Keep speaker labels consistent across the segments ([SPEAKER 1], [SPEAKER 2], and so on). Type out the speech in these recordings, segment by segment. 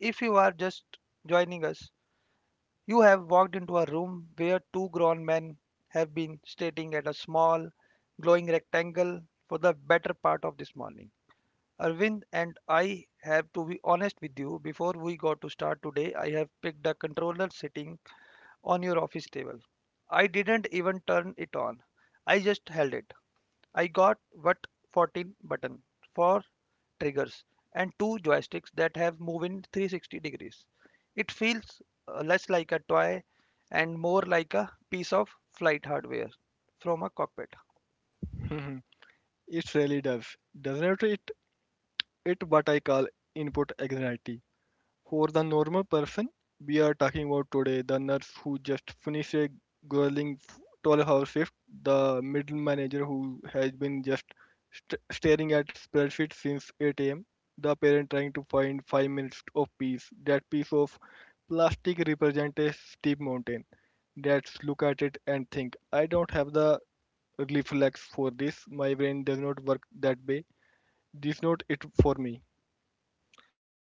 [SPEAKER 1] If you are just joining us, you have walked into a room where two grown men have been staring at a small, glowing rectangle for the better part of this morning. Arvind and I have to be honest with you, before we got to start today, I have picked a controller sitting on your office table. I didn't even turn it on, I just held it. I got what 14 button for triggers and two joysticks that have move in 360 degrees. It feels less like a toy and more like a piece of flight hardware from a cockpit.
[SPEAKER 2] It really does, doesn't it? It what I call input anxiety. For the normal person, we are talking about today the nurse who just finished a grueling 12-hour shift, the middle manager who has been just staring at spreadsheets since 8 a.m., the parent trying to find five minutes of peace. That piece of plastic represents a steep mountain. Let's look at it and think. I don't have the reflex for this. My brain does not work that way. This not it for me.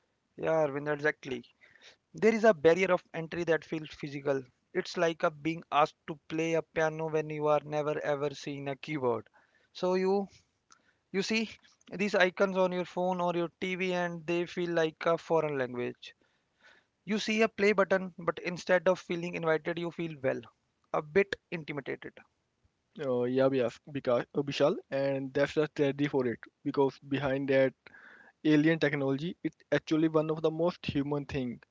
[SPEAKER 1] Yeah, Arvind, exactly. There is a barrier of entry that feels physical. It's like a being asked to play a piano when you are never ever seen a keyboard. So you see these icons on your phone or your TV and they feel like a foreign language. You see a play button, but instead of feeling invited, you feel well, a bit intimidated.
[SPEAKER 2] Yeah, yes, because Vishal, and that's the strategy for it. Because behind that alien technology, it's actually one of the most human thing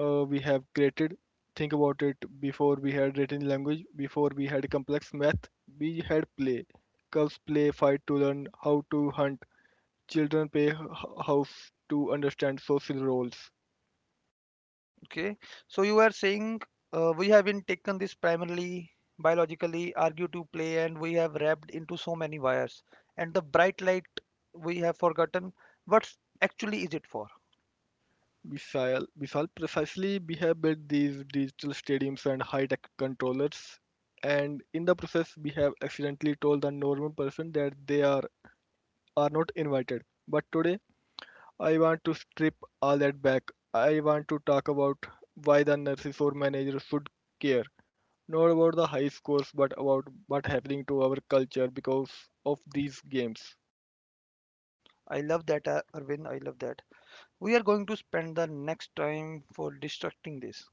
[SPEAKER 2] we have created. Think about it. Before we had written language, before we had complex math, we had play. Cubs play fight to learn how to hunt. Children play house to understand social roles.
[SPEAKER 1] Okay, so you are saying we have been taken this primarily biologically, argue to play, and we have wrapped into so many wires. And the bright light we have forgotten what actually is it for.
[SPEAKER 2] We shall precisely we have built these digital stadiums and high-tech controllers, and in the process we have accidentally told the normal person that they are not invited. But today I want to strip all that back. I want to talk about why the nurses or managers should care, not about the high scores, but about what's happening to our culture because of these games.
[SPEAKER 1] I love that, Arvind. I love that. We are going to spend the next time for destructing this.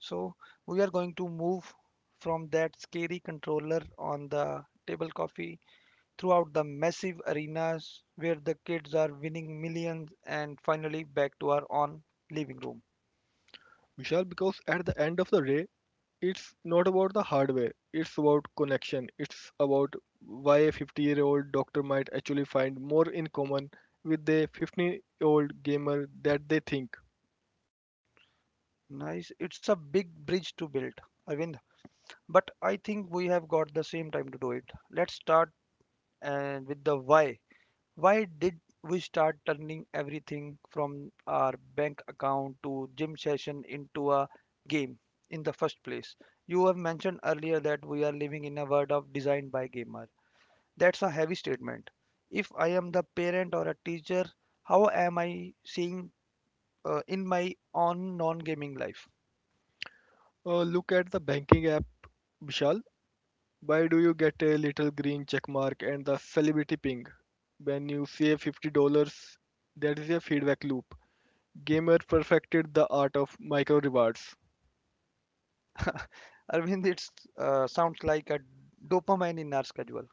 [SPEAKER 1] So we are going to move from that scary controller on the table coffee throughout the massive arenas where the kids are winning millions and finally back to our own living room.
[SPEAKER 2] Vishal, because at the end of the day, it's not about the hardware, it's about connection, it's about why a 50-year-old year old doctor might actually find more in common with a 15-year-old year old gamer that they think.
[SPEAKER 1] Nice. It's a big bridge to build, Arvind, but I think we have got the same time to do it. Let's start and with the why. Why did we start turning everything from our bank account to gym session into a game in the first place? You have mentioned earlier that we are living in a world of design by gamer. That's a heavy statement. If I am the parent or a teacher, how am I seeing in my own non-gaming life?
[SPEAKER 2] Look at the banking app, Vishal. Why do you get a little green check mark and the celebrity ping when you save $50? That is a feedback loop. Gamer perfected the art of micro rewards.
[SPEAKER 1] Arvind, it sounds like a dopamine in our schedule.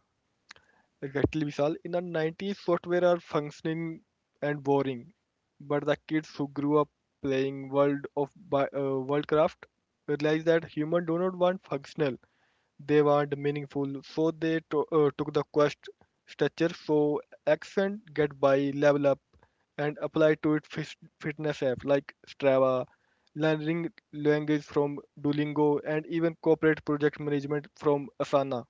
[SPEAKER 2] Exactly, Vishal. In the 90s, software are functioning and boring, but the kids who grew up playing Worldcraft realized that humans do not want functional; they want meaningful. So they took the quest structure, so accent get by, level up, and apply to it fitness app like Strava, learning language from Duolingo, and even corporate project management from Asana.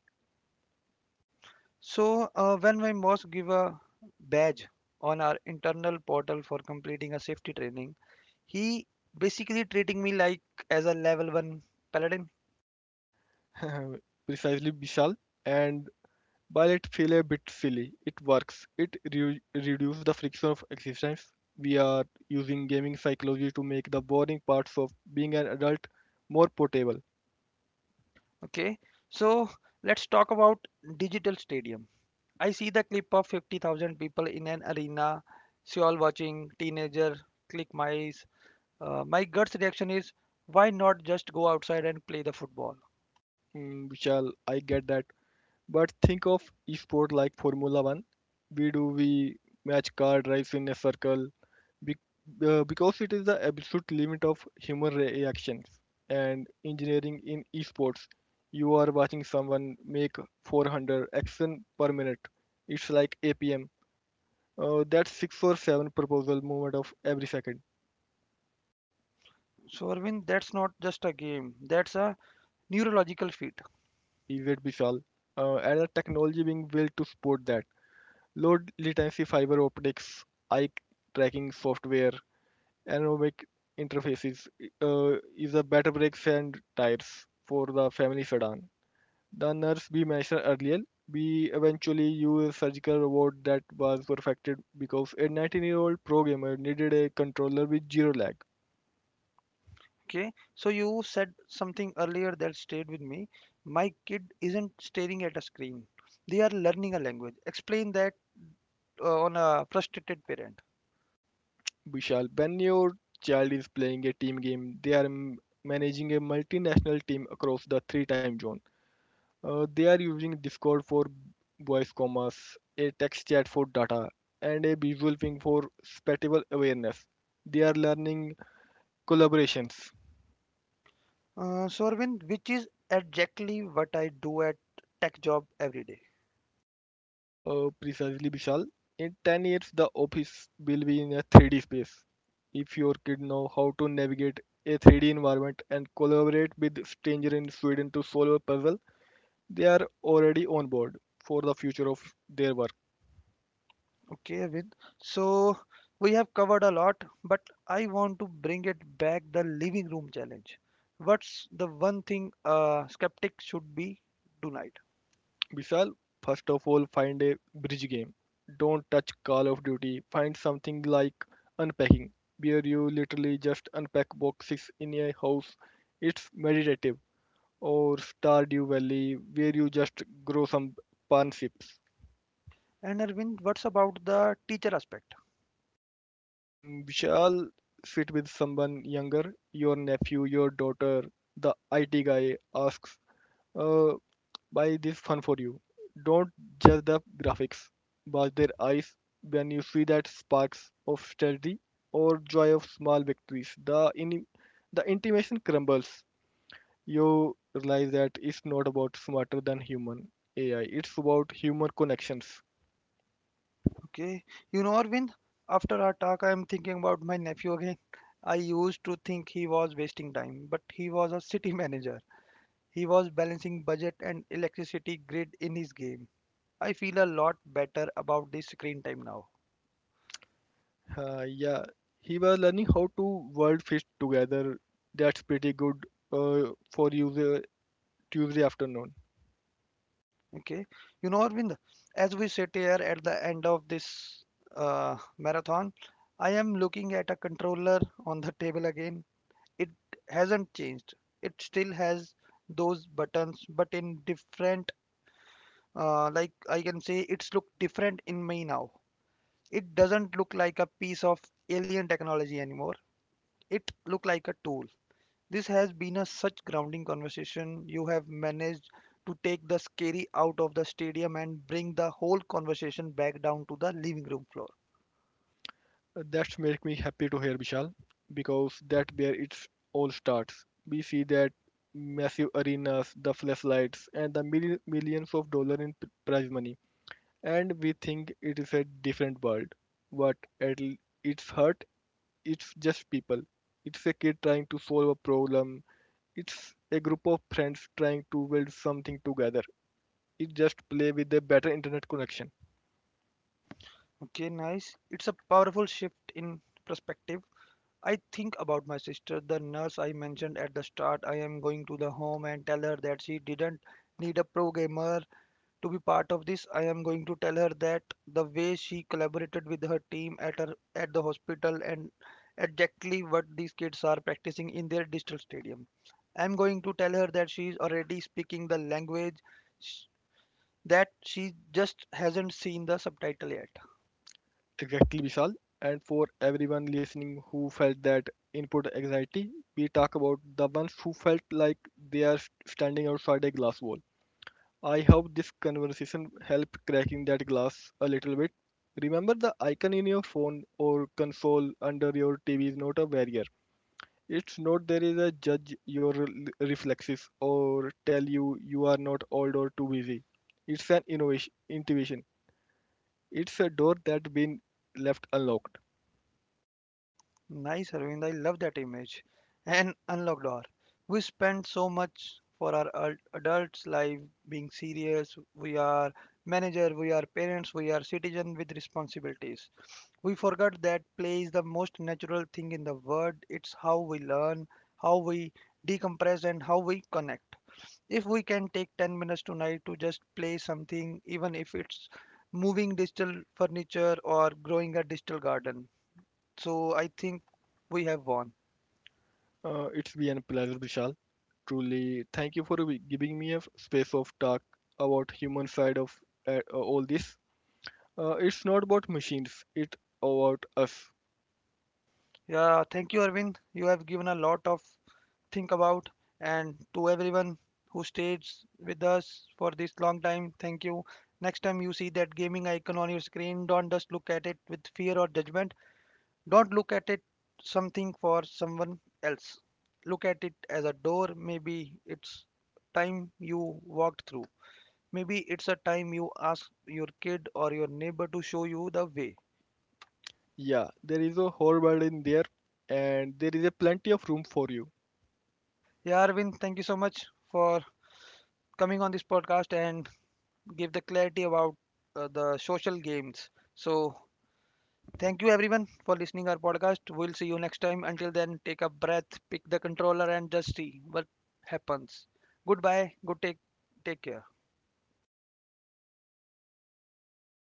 [SPEAKER 1] So when my boss give a badge on our internal portal for completing a safety training, he basically treating me like as a level one paladin.
[SPEAKER 2] Precisely, Vishal, and while it feels a bit silly, it works. It reduces the friction of existence. We are using gaming psychology to make the boring parts of being an adult more portable.
[SPEAKER 1] Okay, so let's talk about digital stadium. I see the clip of 50,000 people in an arena, Seoul watching, teenager, click mice. My gut's reaction is, why not just go outside and play the football?
[SPEAKER 2] Mm, shall I get that? But think of sport like Formula One. We match car drives in a circle be- because it is the absolute limit of human reactions. And engineering in esports, you are watching someone make 400 action per minute. It's like APM. That's 6 or 7 proposal movement of every second.
[SPEAKER 1] So, Arvind, that's not just a game, that's a neurological feat.
[SPEAKER 2] Is it Vishal? And the technology being built to support that. Low latency fiber optics, eye tracking software, aerodynamic interfaces is a better brakes and tires for the family sedan. The nurse we mentioned earlier, we eventually used a surgical robot that was perfected because a 19-year-old pro gamer needed a controller with zero lag.
[SPEAKER 1] Okay, so you said something earlier that stayed with me. My kid isn't staring at a screen, they are learning a language. Explain that on a frustrated parent.
[SPEAKER 2] Vishal, when your child is playing a team game, they are managing a multinational team across the 3 time zones. They are using Discord for voice commerce, a text chat for data, and a visual ping for spatial awareness. They are learning collaborations.
[SPEAKER 1] So, Arvind, which is exactly what I do at tech job every day.
[SPEAKER 2] Precisely, Vishal. In 10 years, the office will be in a 3D space. If your kid know how to navigate a 3D environment and collaborate with stranger in Sweden to solve a puzzle, they are already on board for the future of their work.
[SPEAKER 1] Okay, Avin. So we have covered a lot, but I want to bring it back the living room challenge. What's the one thing a skeptic should be tonight?
[SPEAKER 2] We shall first of all find a bridge game. Don't touch Call of Duty. Find something like unpacking, where you literally just unpack boxes in a house. It's meditative. Or Stardew Valley, where you just grow some panships.
[SPEAKER 1] And Arvind, what's about the teacher aspect?
[SPEAKER 2] Mm, we shall sit with someone younger, your nephew, your daughter. The IT guy asks, uh, buy this fun for you. Don't judge the graphics, but their eyes when you see that sparks of strategy or joy of small victories. The intimation crumbles. You realize that it's not about smarter than human AI. It's about human connections.
[SPEAKER 1] Okay, you know, Arvind, after our talk, I am thinking about my nephew again. I used to think he was wasting time, but he was a city manager. He was balancing budget and electricity grid in his game. I feel a lot better about the screen time now.
[SPEAKER 2] Yeah, he was learning how to world fish together. That's pretty good for you the Tuesday afternoon.
[SPEAKER 1] Okay. You know, Arvind, as we sit here at the end of this marathon, I am looking at a controller on the table again. It hasn't changed. It still has those buttons, but in different, like I can say, it's look different in me now. It doesn't look like a piece of alien technology anymore. It look like a tool. This has been a such grounding conversation. You have managed to take the scary out of the stadium and bring the whole conversation back down to the living room floor.
[SPEAKER 2] That makes me happy to hear, Vishal, because that's where it all starts. We see that massive arenas, the flashlights, and the millions of dollars in prize money, and we think it is a different world. But its heart, it's just people. It's a kid trying to solve a problem. It's a group of friends trying to build something together. It just play with a better internet connection.
[SPEAKER 1] Okay, nice. It's a powerful shift in perspective. I think about my sister, the nurse I mentioned at the start. I am going to the home and tell her that she didn't need a programmer to be part of this, I am going to tell her that the way she collaborated with her team at her at the hospital and exactly what these kids are practicing in their digital stadium. I'm going to tell her that she's already speaking the language sh- that she just hasn't seen the subtitle yet.
[SPEAKER 2] Exactly, Vishal. And for everyone listening who felt that input anxiety, we talk about the ones who felt like they are standing outside a glass wall. I hope this conversation helped cracking that glass a little bit. Remember, the icon in your phone or console under your TV is not a barrier. It's not there is a judge your reflexes or tell you you are not old or too busy. It's an innovation, intuition. It's a door that been left unlocked.
[SPEAKER 1] Nice, Arvind. I love that image. And unlock door. We spend so much for our adults' life being serious. We are manager, we are parents, we are citizen with responsibilities. We forgot that play is the most natural thing in the world. It's how we learn, how we decompress, and how we connect. If we can take 10 minutes tonight to just play something, even if it's moving digital furniture or growing a digital garden. So I think we have won.
[SPEAKER 2] It's been a pleasure, Vishal. Truly, thank you for giving me a space of talk about human side of all this. It's not about machines; it's about us.
[SPEAKER 1] Yeah, thank you, Arvind. You have given a lot of think about. And to everyone who stays with us for this long time, thank you. Next time you see that gaming icon on your screen, don't just look at it with fear or judgment. Don't look at it something for someone else. Look at it as a door. Maybe it's time you walked through. Maybe it's a time you ask your kid or your neighbor to show you the way.
[SPEAKER 2] Yeah, there is a whole world in there, and there is a plenty of room for you.
[SPEAKER 1] Yeah, Arvind, thank you so much for coming on this podcast and give the clarity about the social games. So thank you everyone for listening our podcast. We'll see you next time. Until then, take a breath, pick the controller, and just see what happens. Goodbye. Good take. Take care.